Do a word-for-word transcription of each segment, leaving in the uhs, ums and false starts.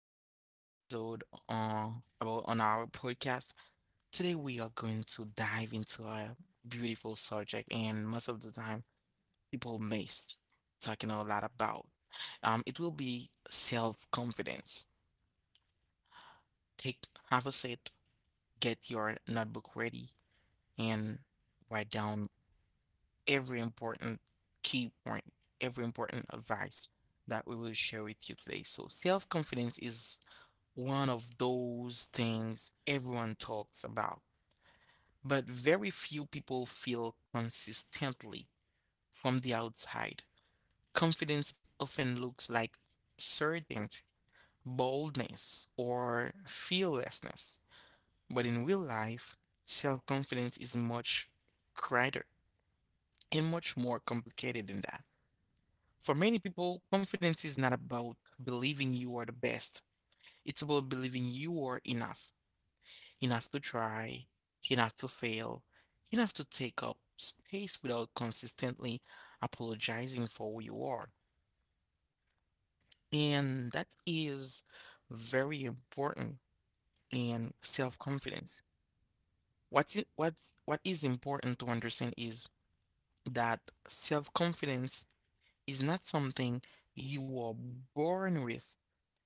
this new episode uh, about on our podcast. Today we are going to dive into a beautiful subject, and most of the time people miss talking a lot about. Um, it will be self-confidence. Take have a seat, get your notebook ready, and write down every important key point, every important advice that we will share with you today. So self-confidence is one of those things everyone talks about, but very few people feel consistently from the outside. Confidence often looks like certainty, boldness, or fearlessness, but in real life, self confidence is much greater and much more complicated than that. For many people, confidence is not about believing you are the best. It's about believing you are enough. He'll have to try, he'll have to fail, he'll have to take up space without consistently apologizing for who you are. And that is very important in self-confidence. What's I- what's What is important to understand is that self-confidence is not something you are born with.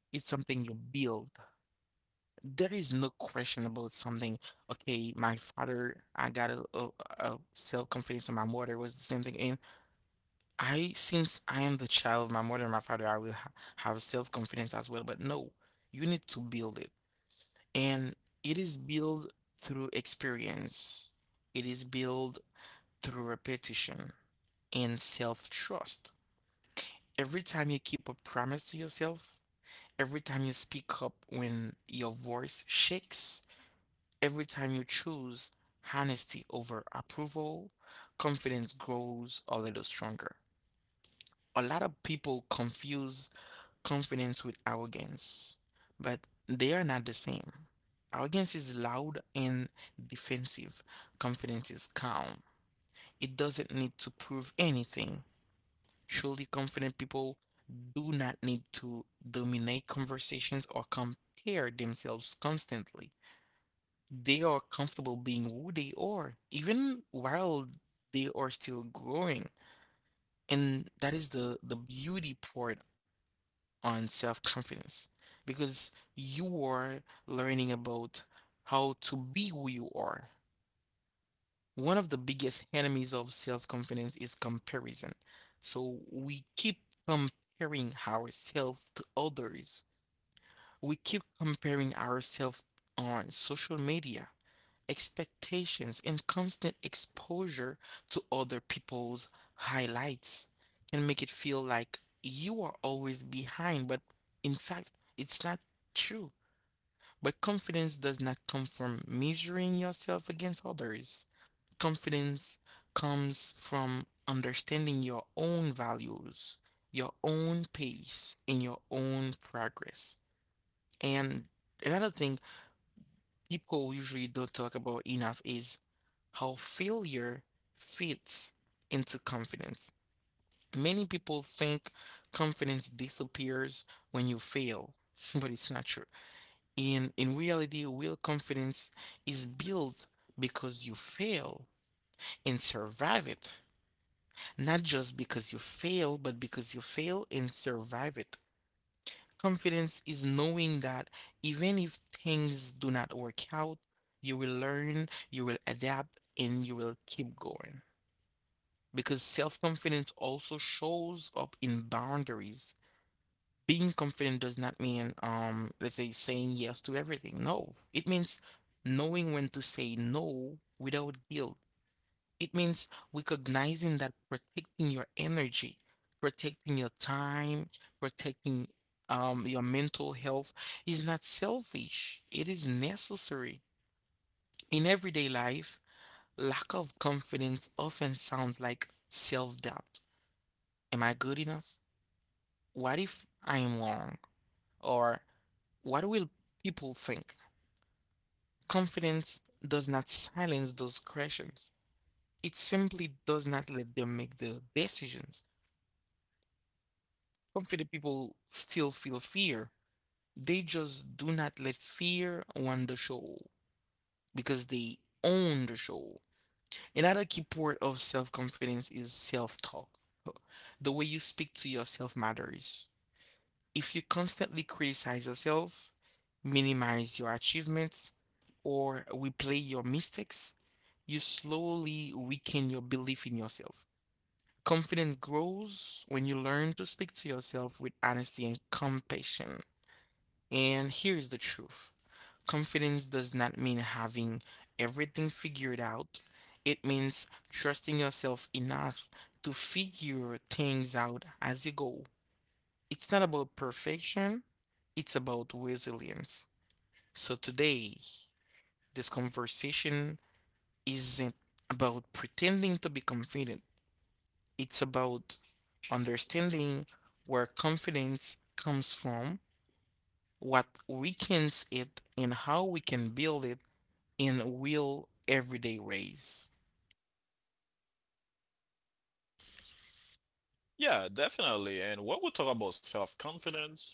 It's something you build. There is no question about something. Okay, my father, I got a, a, a self-confidence, and my mother was the same thing. And I, since I am the child of my mother and my father, I will ha have self-confidence as well. But no, you need to build it. And it is built through experience. It is built through repetition and self-trust. Every time you keep a promise to yourself, every time you speak up when your voice shakes, every time you choose honesty over approval, confidence grows a little stronger. A lot of people confuse confidence with arrogance, but they are not the same. Arrogance is loud and defensive, confidence is calm. It doesn't need to prove anything. Truly confident people do not need to dominate conversations or compare themselves constantly. They are comfortable being who they are, even while they are still growing. And that is the, the beauty part on self confidence because you are learning about how to be who you are. One of the biggest enemies of self confidence is comparison. So we keep comparing ourselves to others, we keep comparing ourselves on social media expectations, and constant exposure to other people's highlights can make it feel like you are always behind, but in fact, it's not true. But confidence does not come from measuring yourself against others. Confidence comes from understanding your own values, your own pace, and your own progress. And another thing people usually don't talk about enough is how failure fits into confidence. Many people think confidence disappears when you fail, but it's not true. In in reality, real confidence is built because you fail and survive it. Not just because you fail, but because you fail and survive it. Confidence is knowing that even if things do not work out, you will learn, you will adapt, and you will keep going. Because self confidence also shows up in boundaries. Being confident does not mean, um, let's say, saying yes to everything. No, it means knowing when to say no without guilt, it means recognizing that protecting your energy, protecting your time, protecting um, your mental health is not selfish, it is necessary. In everyday life, lack of confidence often sounds like self doubt. Am I good enough? What if I am wrong? Or what will people think? Confidence does not silence those questions, it simply does not let them make the decisions. Confident people still feel fear. They just do not let fear run the show because they own the show. Another key part of self confidence is self talk. The way you speak to yourself matters. If you constantly criticize yourself, minimize your achievements, or replay your mistakes, you slowly weaken your belief in yourself. Confidence grows when you learn to speak to yourself with honesty and compassion. And here's the truth: confidence does not mean having everything figured out, it means trusting yourself enough to figure things out as you go. It's not about perfection, it's about resilience. So today, this conversation isn't about pretending to be confident, it's about understanding where confidence comes from, what weakens it, and how we can build it in real everyday ways. Yeah, definitely. And when we talk about self confidence,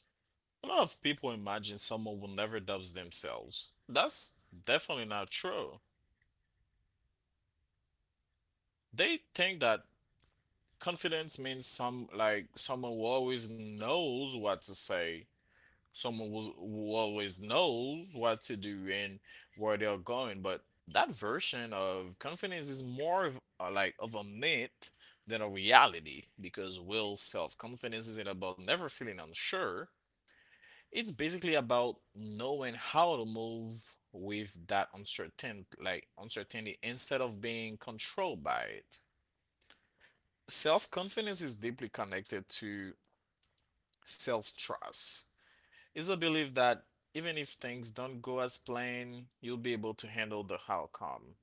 a lot of people imagine someone who never doubts themselves. That's definitely not true. They think that confidence means some like someone who always knows what to say, someone who's, who always knows what to do and where they're going. But that version of confidence is more of uh, like of a myth than a reality because will self confidence isn't about never feeling unsure. It's basically about knowing how to move with that uncertain like uncertainty instead of being controlled by it. Self-confidence is deeply connected to self-trust. It's a belief that even if things don't go as planned, you'll be able to handle the outcome.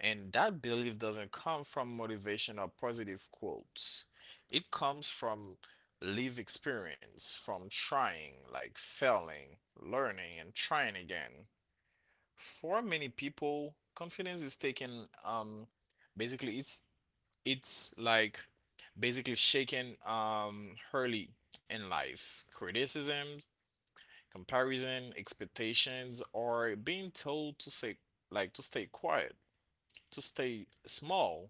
And that belief doesn't come from motivation or positive quotes. It comes from lived experience, from trying, like failing, learning, and trying again. For many people, confidence is taken um basically it's it's like basically shaken um early in life. Criticism, comparison, expectations, or being told to say like to stay quiet, to stay small,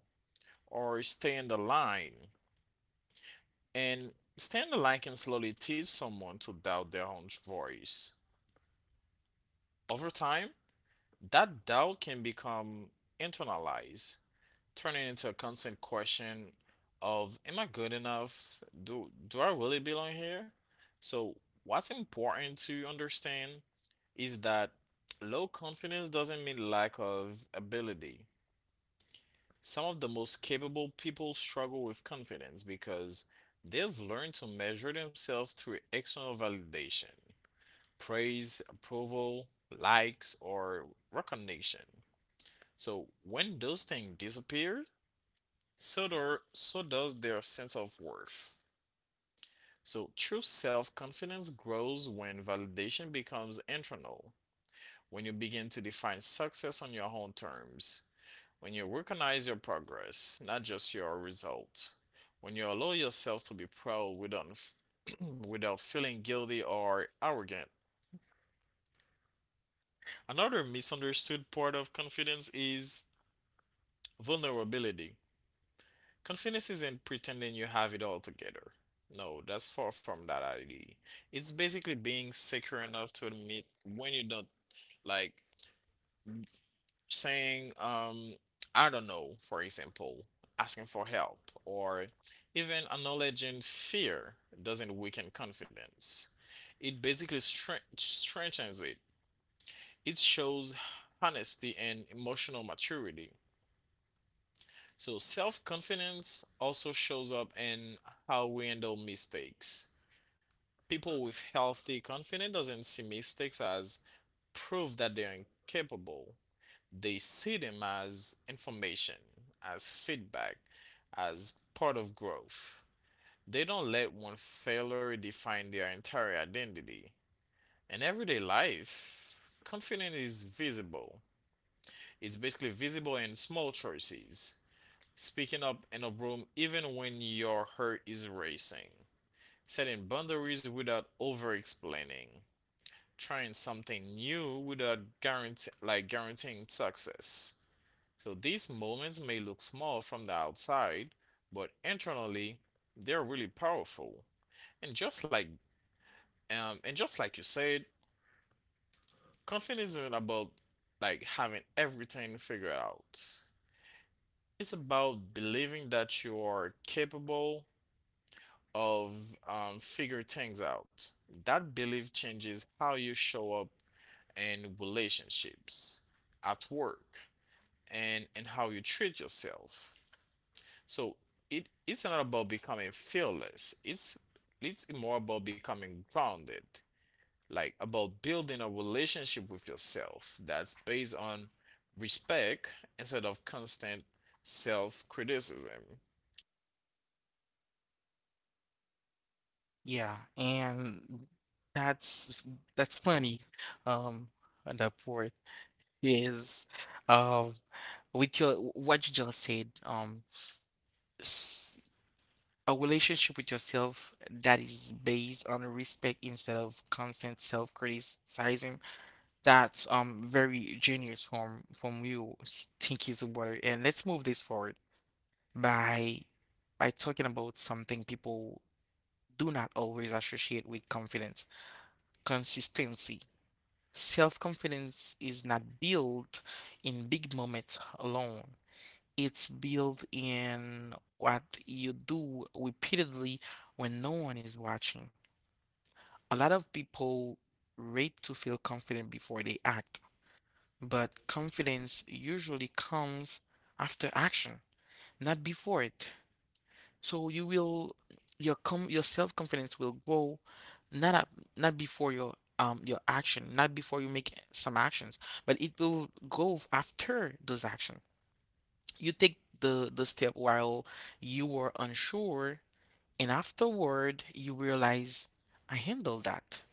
or stay in the line. And staying in the line can slowly teach someone to doubt their own voice. Over time, that doubt can become internalized, turning into a constant question of am I good enough? Do do I really belong here? So what's important to understand is that low confidence doesn't mean lack of ability. Some of the most capable people struggle with confidence because they've learned to measure themselves through external validation, praise, approval, likes, or recognition. So when those things disappear, so, do, so does their sense of worth. So, true self confidence grows when validation becomes internal, when you begin to define success on your own terms, when you recognize your progress, not just your results, when you allow yourself to be proud without, without feeling guilty or arrogant. Another misunderstood part of confidence is vulnerability. Confidence isn't pretending you have it all together. No, that's far from that idea. It's basically being secure enough to admit when you don't, like saying, um, I don't know, for example, asking for help or even acknowledging fear doesn't weaken confidence. It basically strength strengthens it. It shows honesty and emotional maturity. So self confidence also shows up in how we handle mistakes. People with healthy confidence doesn't see mistakes as proof that they're incapable. They see them as information, as feedback, as part of growth. They don't let one failure define their entire identity. In everyday life, confidence is visible. It's basically visible in small choices: speaking up in a room even when your heart is racing, setting boundaries without over explaining, trying something new without guarantee, like guaranteeing success. So these moments may look small from the outside, but internally they're really powerful. And just like um, and just like you said, confidence isn't about like having everything figured out. It's about believing that you are capable, of um, figure things out. That belief changes how you show up in relationships, at work, and and how you treat yourself. So it it's not about becoming fearless. It's it's more about becoming grounded, like about building a relationship with yourself that's based on respect instead of constant self criticism. Yeah, and that's that's funny. Um, and that part is, um, with your what you just said. Um, s- a relationship with yourself that is based on respect instead of constant self-criticizing. That's um very genius from from you. s- Thank you, Zubair. And let's move this forward by by talking about something people do not always associate with confidence. Consistency. Self confidence is not built in big moments alone, it's built in what you do repeatedly when no one is watching. A lot of people rate to feel confident before they act, but confidence usually comes after action, not before it. So you will your com your self-confidence will grow not up not before your um your action, not before you make some actions, but it will grow after those actions. You take the the step while you were unsure, and afterward you realize I handled that.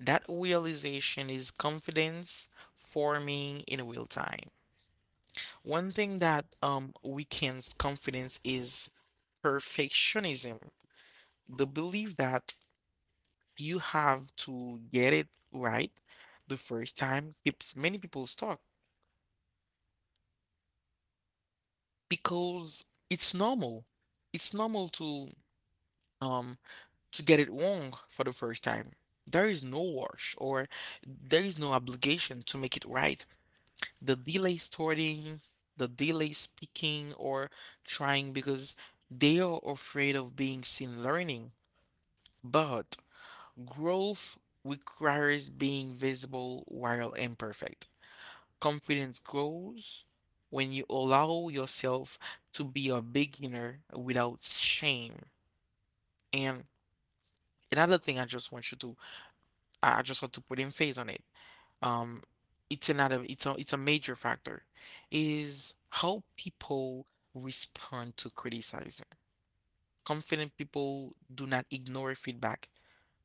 That realization is confidence forming in real time. One thing that um weakens confidence is perfectionism. The belief that you have to get it right the first time keeps many people stuck because it's normal. It's normal to um to get it wrong for the first time. There is no rush or there is no obligation to make it right. The delay starting, the delay speaking or trying because they are afraid of being seen learning. But growth requires being visible while imperfect. Confidence grows when you allow yourself to be a beginner without shame. And another thing I just want you to I just want to put emphasis on it. Um it's another it's a it's a major factor is how people respond to criticizing. Confident people do not ignore feedback,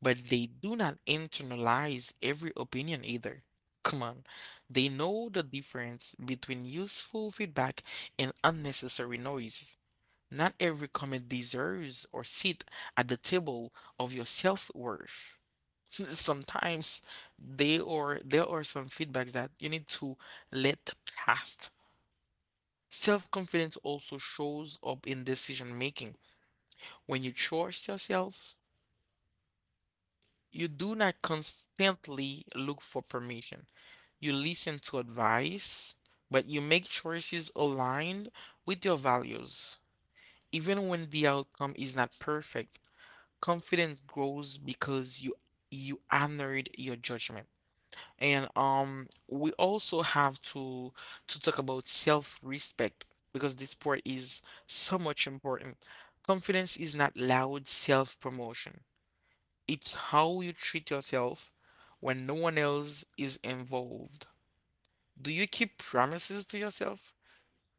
but they do not internalize every opinion either. Come on, they know the difference between useful feedback and unnecessary noise. Not every comment deserves or sit at the table of your self-worth. Sometimes they or there are some feedbacks that you need to let past. Self-confidence also shows up in decision making. When you trust yourself, you do not constantly look for permission. You listen to advice, but you make choices aligned with your values. Even when the outcome is not perfect, confidence grows because you you honored your judgment. And um we also have to to talk about self-respect because this part is so much important. Confidence is not loud self-promotion. It's how you treat yourself when no one else is involved. Do you keep promises to yourself?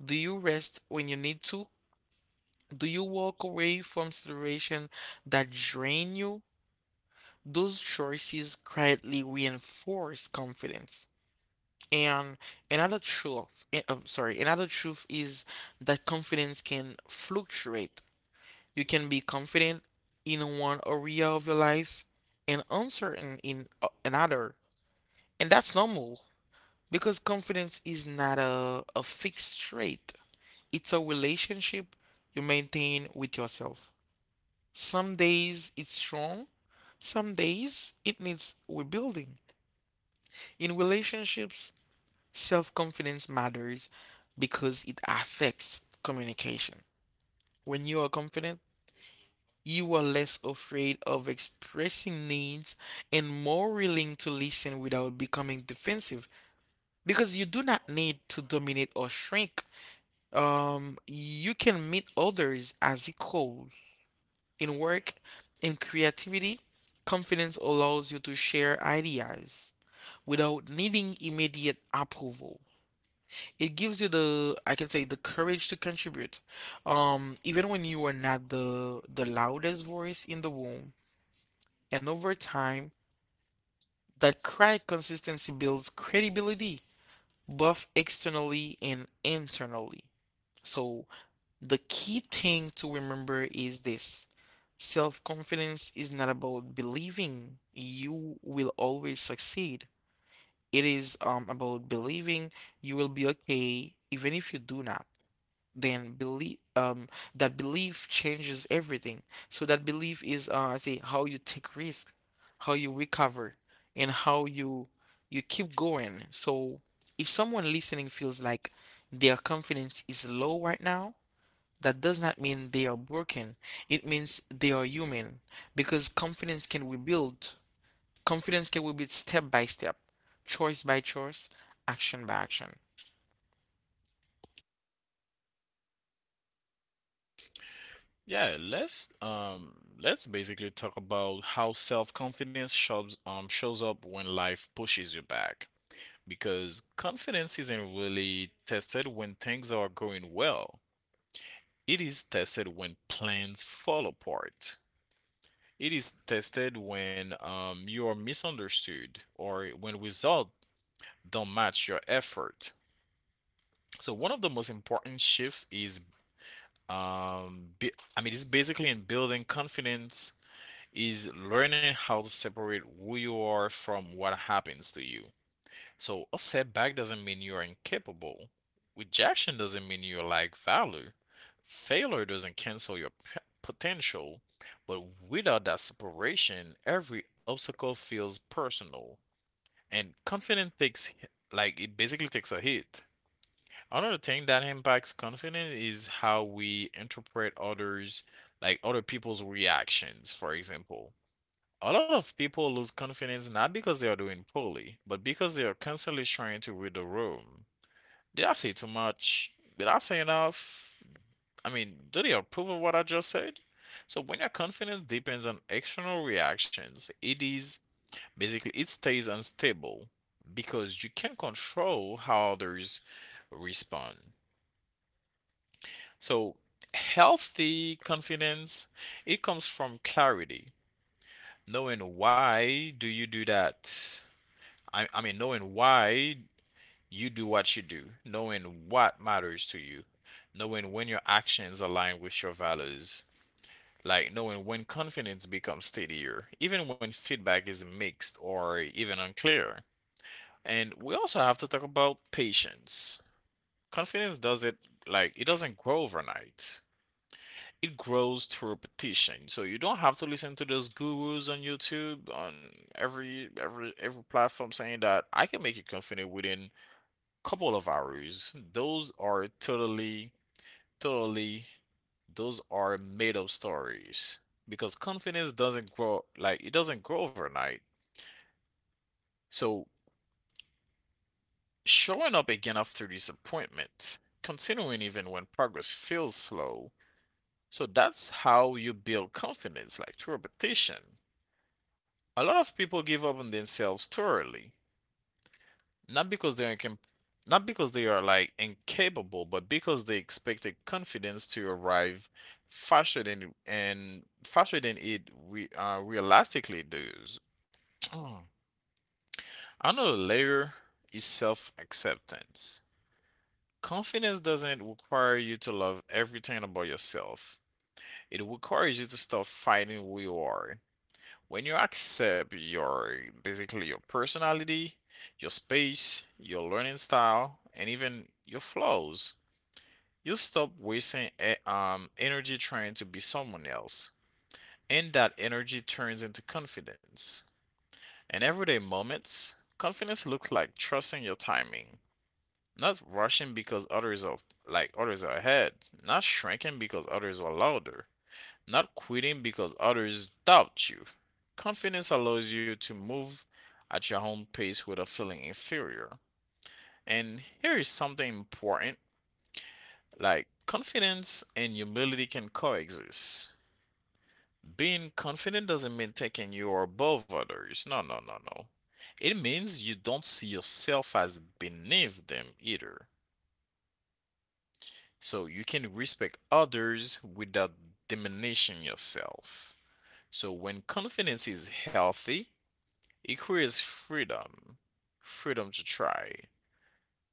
Do you rest when you need to? Do you walk away from situations that drain you? Those choices quietly reinforce confidence. And another truth, eh, um, sorry, another truth is that confidence can fluctuate. You can be confident in one area of your life and uncertain in uh, another. And that's normal because confidence is not a, a fixed trait, it's a relationship you maintain with yourself. Some days it's strong, some days it needs rebuilding. In relationships, self confidence matters because it affects communication. When you are confident, you are less afraid of expressing needs and more willing to listen without becoming defensive because you do not need to dominate or shrink. Um, you can meet others as equals in work and creativity. Confidence allows you to share ideas without needing immediate approval. It gives you the, I can say, the courage to contribute. Um, even when you are not the the loudest voice in the room. And over time, that cry consistency builds credibility, both externally and internally. So the key thing to remember is this. Self-confidence is not about believing you will always succeed. It is um, about believing you will be okay even if you do not. Then believe um, that belief changes everything. So that belief is uh, I say how you take risk, how you recover, and how you you keep going. So if someone listening feels like their confidence is low right now, that does not mean they are broken. It means they are human because confidence can be built. Confidence can be built step by step, choice by choice, action by action. Yeah, let's um let's basically talk about how self-confidence shows um shows up when life pushes you back. Because confidence isn't really tested when things are going well. It is tested when plans fall apart. It is tested when um you are misunderstood or when results don't match your effort. So one of the most important shifts is um be, I mean it's basically in building confidence is learning how to separate who you are from what happens to you. So a setback doesn't mean you're incapable. Rejection doesn't mean you lack value. Failure doesn't cancel your p- potential. But without that separation, every obstacle feels personal. And confidence takes, like, it basically takes a hit. Another thing that impacts confidence is how we interpret others, like other people's reactions. For example, a lot of people lose confidence not because they are doing poorly, but because they are constantly trying to read the room. Did I say too much? Did I say enough? I mean, do they approve of what I just said? So when your confidence depends on external reactions, it is basically it stays unstable because you can't control how others respond. So healthy confidence, it comes from clarity, knowing why do you do that I, I mean, knowing why you do what you do, knowing what matters to you, knowing when your actions align with your values, like knowing when confidence becomes steadier, even when feedback is mixed or even unclear. And we also have to talk about patience. Confidence does it like it doesn't grow overnight. It grows through repetition. So you don't have to listen to those gurus on YouTube on every every every platform saying that I can make you confident within couple of hours. Those are totally, totally, those are made up stories because confidence doesn't grow like it doesn't grow overnight. So showing up again after disappointment, continuing even when progress feels slow. So that's how you build confidence, like through repetition. A lot of people give up on themselves thoroughly. Not because they're incam- not because they are like incapable, but because they expected confidence to arrive faster than and faster than it re- uh, realistically does. Another layer is self-acceptance. Confidence doesn't require you to love everything about yourself. It requires you to stop fighting who you are. When you accept your basically your personality, your space, your learning style, and even your flaws, you stop wasting e- um, energy trying to be someone else. And that energy turns into confidence. In everyday moments, confidence looks like trusting your timing, not rushing because others are like others are ahead, not shrinking because others are louder, not quitting because others doubt you. Confidence allows you to move at your own pace without feeling inferior. And here is something important, like confidence and humility can coexist. Being confident doesn't mean taking you are above others. No, no, no, no. It means you don't see yourself as beneath them either. So you can respect others without diminishing yourself. So when confidence is healthy, equity is freedom. Freedom to try.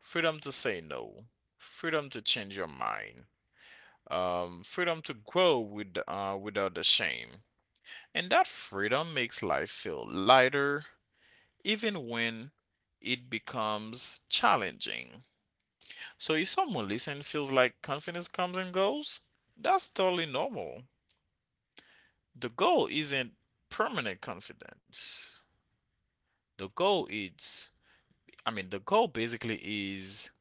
Freedom to say no. Freedom to change your mind. Um, freedom to grow with, uh, without the shame. And that freedom makes life feel lighter, even when it becomes challenging. So if someone listening feels like confidence comes and goes, that's totally normal. The goal isn't permanent confidence. The goal is, I mean, the goal basically is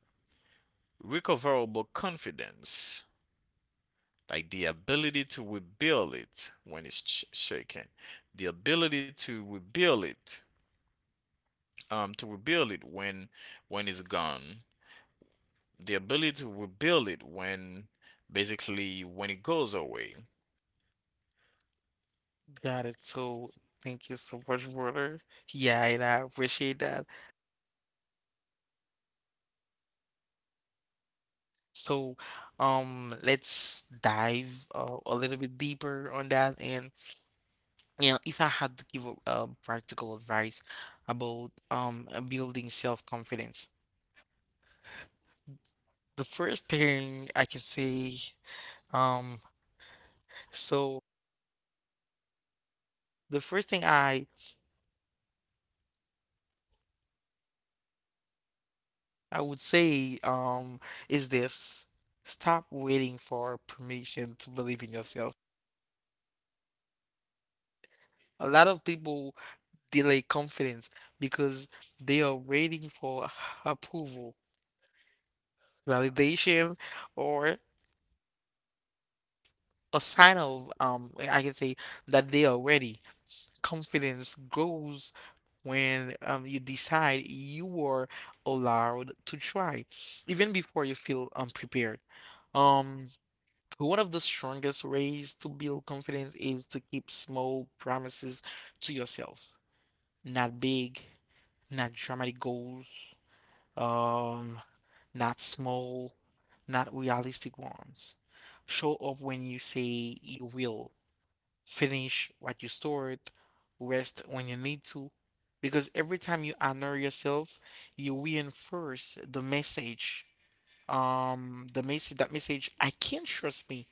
recoverable confidence, like the ability to rebuild it when it's sh- shaken, the ability to rebuild it, um, to rebuild it when when it's gone, the ability to rebuild it when basically when it goes away. Got it. So thank you so much, brother. Yeah, and I appreciate that. So, um, let's dive uh, a little bit deeper on that. And you know, if I had to give a, uh, practical advice about um uh, building self-confidence, the first thing I can say. Um, so the first thing I I would say um is this. Stop waiting for permission to believe in yourself. A lot of people delay confidence because they are waiting for approval, validation, or a sign of um I can say that they are ready. Confidence grows when um you decide you are allowed to try, even before you feel unprepared. Um One of the strongest ways to build confidence is to keep small promises to yourself. Not big, not dramatic goals, um, not small, not realistic ones. Show up when you say you will. Finish what you start. Rest when you need to. Because every time you honor yourself, you reinforce the message. Um, the message, that message, I can trust me.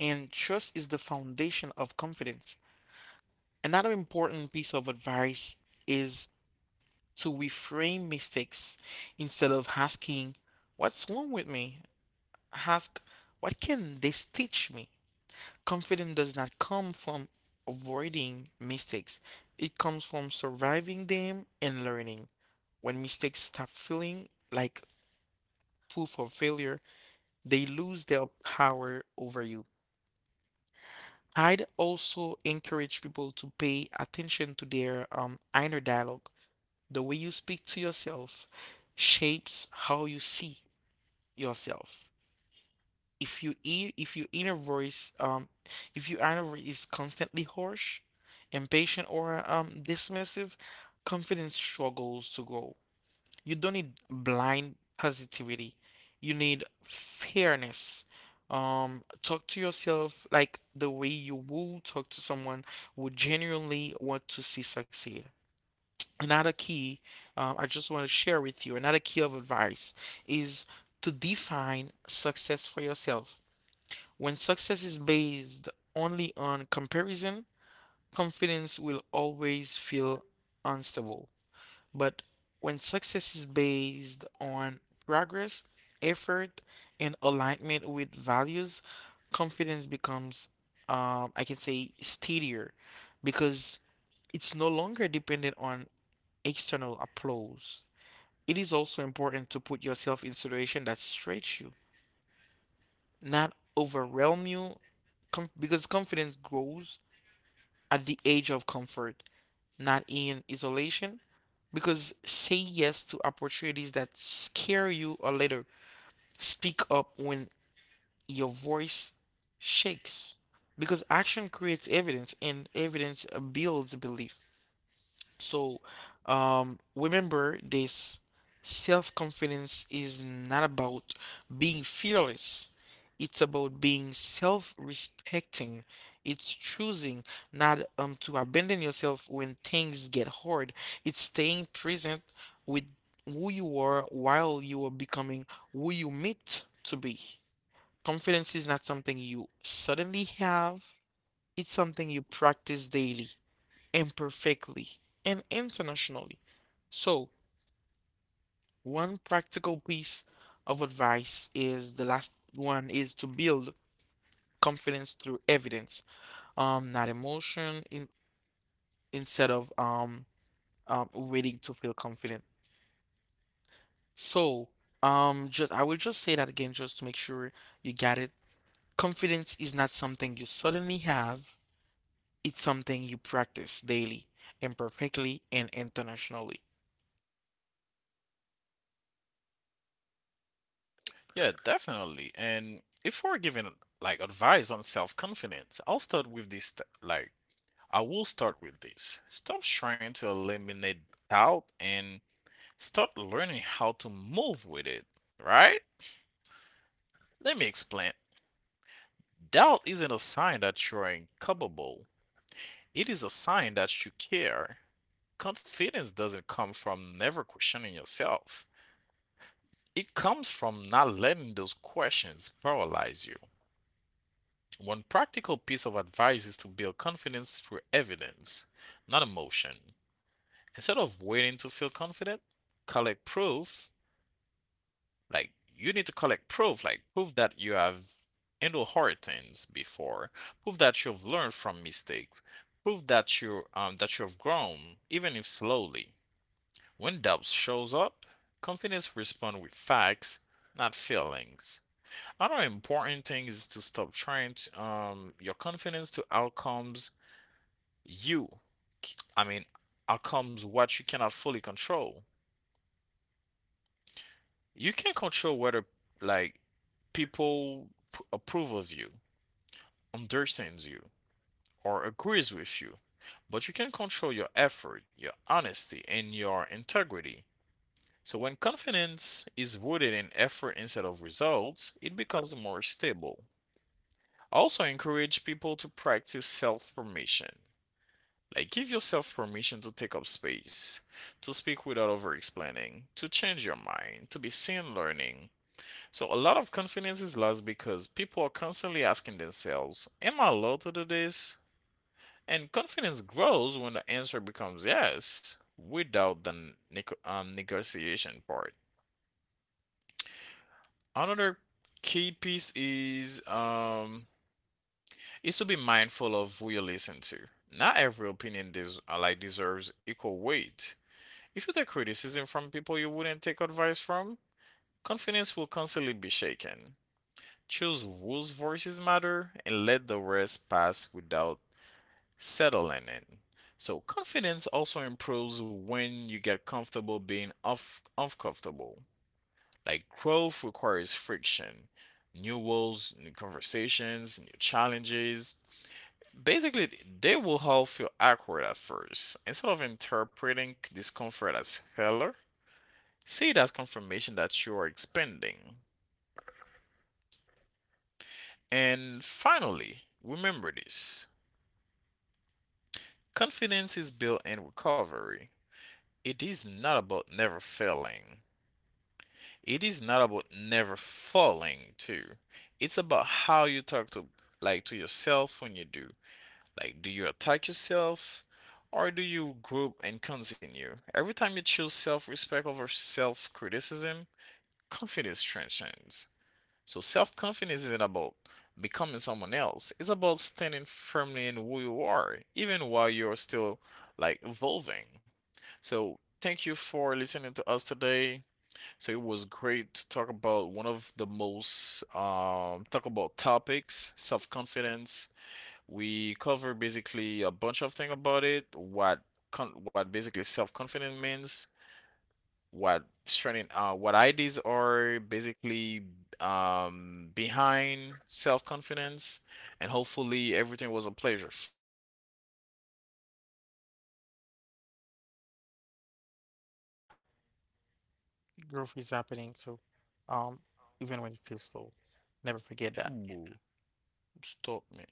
And trust is the foundation of confidence. Another important piece of advice is to reframe mistakes instead of asking, what's wrong with me? Ask, what can this teach me? Confidence does not come from avoiding mistakes, it comes from surviving them and learning. When mistakes stop feeling like proof of failure, they lose their power over you. I'd also encourage people to pay attention to their um, inner dialogue. The way you speak to yourself shapes how you see yourself. If you e- if your inner voice um if your inner voice is constantly harsh, impatient, or um dismissive, confidence struggles to grow. You don't need blind positivity. You need fairness. Um, talk to yourself like the way you will talk to someone who genuinely want to see succeed. Another key, uh, I just want to share with you, another key of advice is to define success for yourself. When success is based only on comparison, confidence will always feel unstable. But when success is based on progress, effort, and alignment with values, confidence becomes, um, I can say, steadier because it's no longer dependent on external applause. It is also important to put yourself in situations that stretch you, not overwhelm you, com- because confidence grows at the age of comfort, not in isolation. Because say yes to opportunities that scare you or later. Speak up when your voice shakes. Because action creates evidence and evidence builds belief. So, um, remember this: self-confidence is not about being fearless. It's about being self-respecting. It's choosing not um to abandon yourself when things get hard. It's staying present with who you are while you are becoming who you meant to be. Confidence is not something you suddenly have. It's something you practice daily imperfectly and internationally. So, one practical piece of advice is the last one is to build confidence through evidence, um, not emotion, in, instead of um, um, waiting to feel confident. So, um, just I will just say that again just to make sure you got it. Confidence is not something you suddenly have, it's something you practice daily, imperfectly, and internationally. Yeah, definitely. And if we're giving like advice on self-confidence, I'll start with this. th- Like, I will start with this. Stop trying to eliminate doubt and start learning how to move with it, right? Let me explain. Doubt isn't a sign that you're incapable, it is a sign that you care. Confidence doesn't come from never questioning yourself, it comes from not letting those questions paralyze you. One practical piece of advice is to build confidence through evidence, not emotion. Instead of waiting to feel confident, collect proof. Like you need to collect proof, like proof that you have handled hard things before, proof that you've learned from mistakes, proof that you um, that you've grown, even if slowly. When doubt shows up, confidence responds with facts, not feelings. Another important thing is to stop trying to, um, your confidence to outcomes you, I mean, outcomes what you cannot fully control. You can control whether like people p- approve of you, understands you, or agrees with you, but you can control your effort, your honesty, and your integrity. So when confidence is rooted in effort instead of results, it becomes more stable. Also encourage people to practice self-permission. Like give yourself permission to take up space, to speak without over explaining, to change your mind, to be seen learning. So a lot of confidence is lost because people are constantly asking themselves, am I allowed to do this? And confidence grows when the answer becomes yes, without the neg- um, negotiation part. Another key piece is um is to be mindful of who you listen to. Not every opinion des- uh, like deserves equal weight. If you take criticism from people you wouldn't take advice from, confidence will constantly be shaken. Choose whose voices matter and let the rest pass without settling in. So confidence also improves when you get comfortable being off uncomfortable. Like growth requires friction, new walls, new conversations, new challenges. Basically, they will all feel awkward at first. Instead of interpreting discomfort as failure, see it as confirmation that you are expanding. And finally, remember this: confidence is built in recovery. It is not about never failing. It is not about never falling too. It's about how you talk to like to yourself when you do. Like do you attack yourself or do you group and continue? Every time you choose self-respect over self-criticism, confidence transcends. So self confidence isn't about becoming someone else. It's about standing firmly in who you are, even while you're still like evolving. So thank you for listening to us today. So it was great to talk about one of the most um talk about topics, self confidence. We cover basically a bunch of things about it, what con- what basically self confidence means, what training uh what ideas are basically um behind self-confidence and hopefully everything was a pleasure for you. Thank you again. See you next time. Growth is happening, so um, even when it feels slow. Never forget that. Ooh, stop me.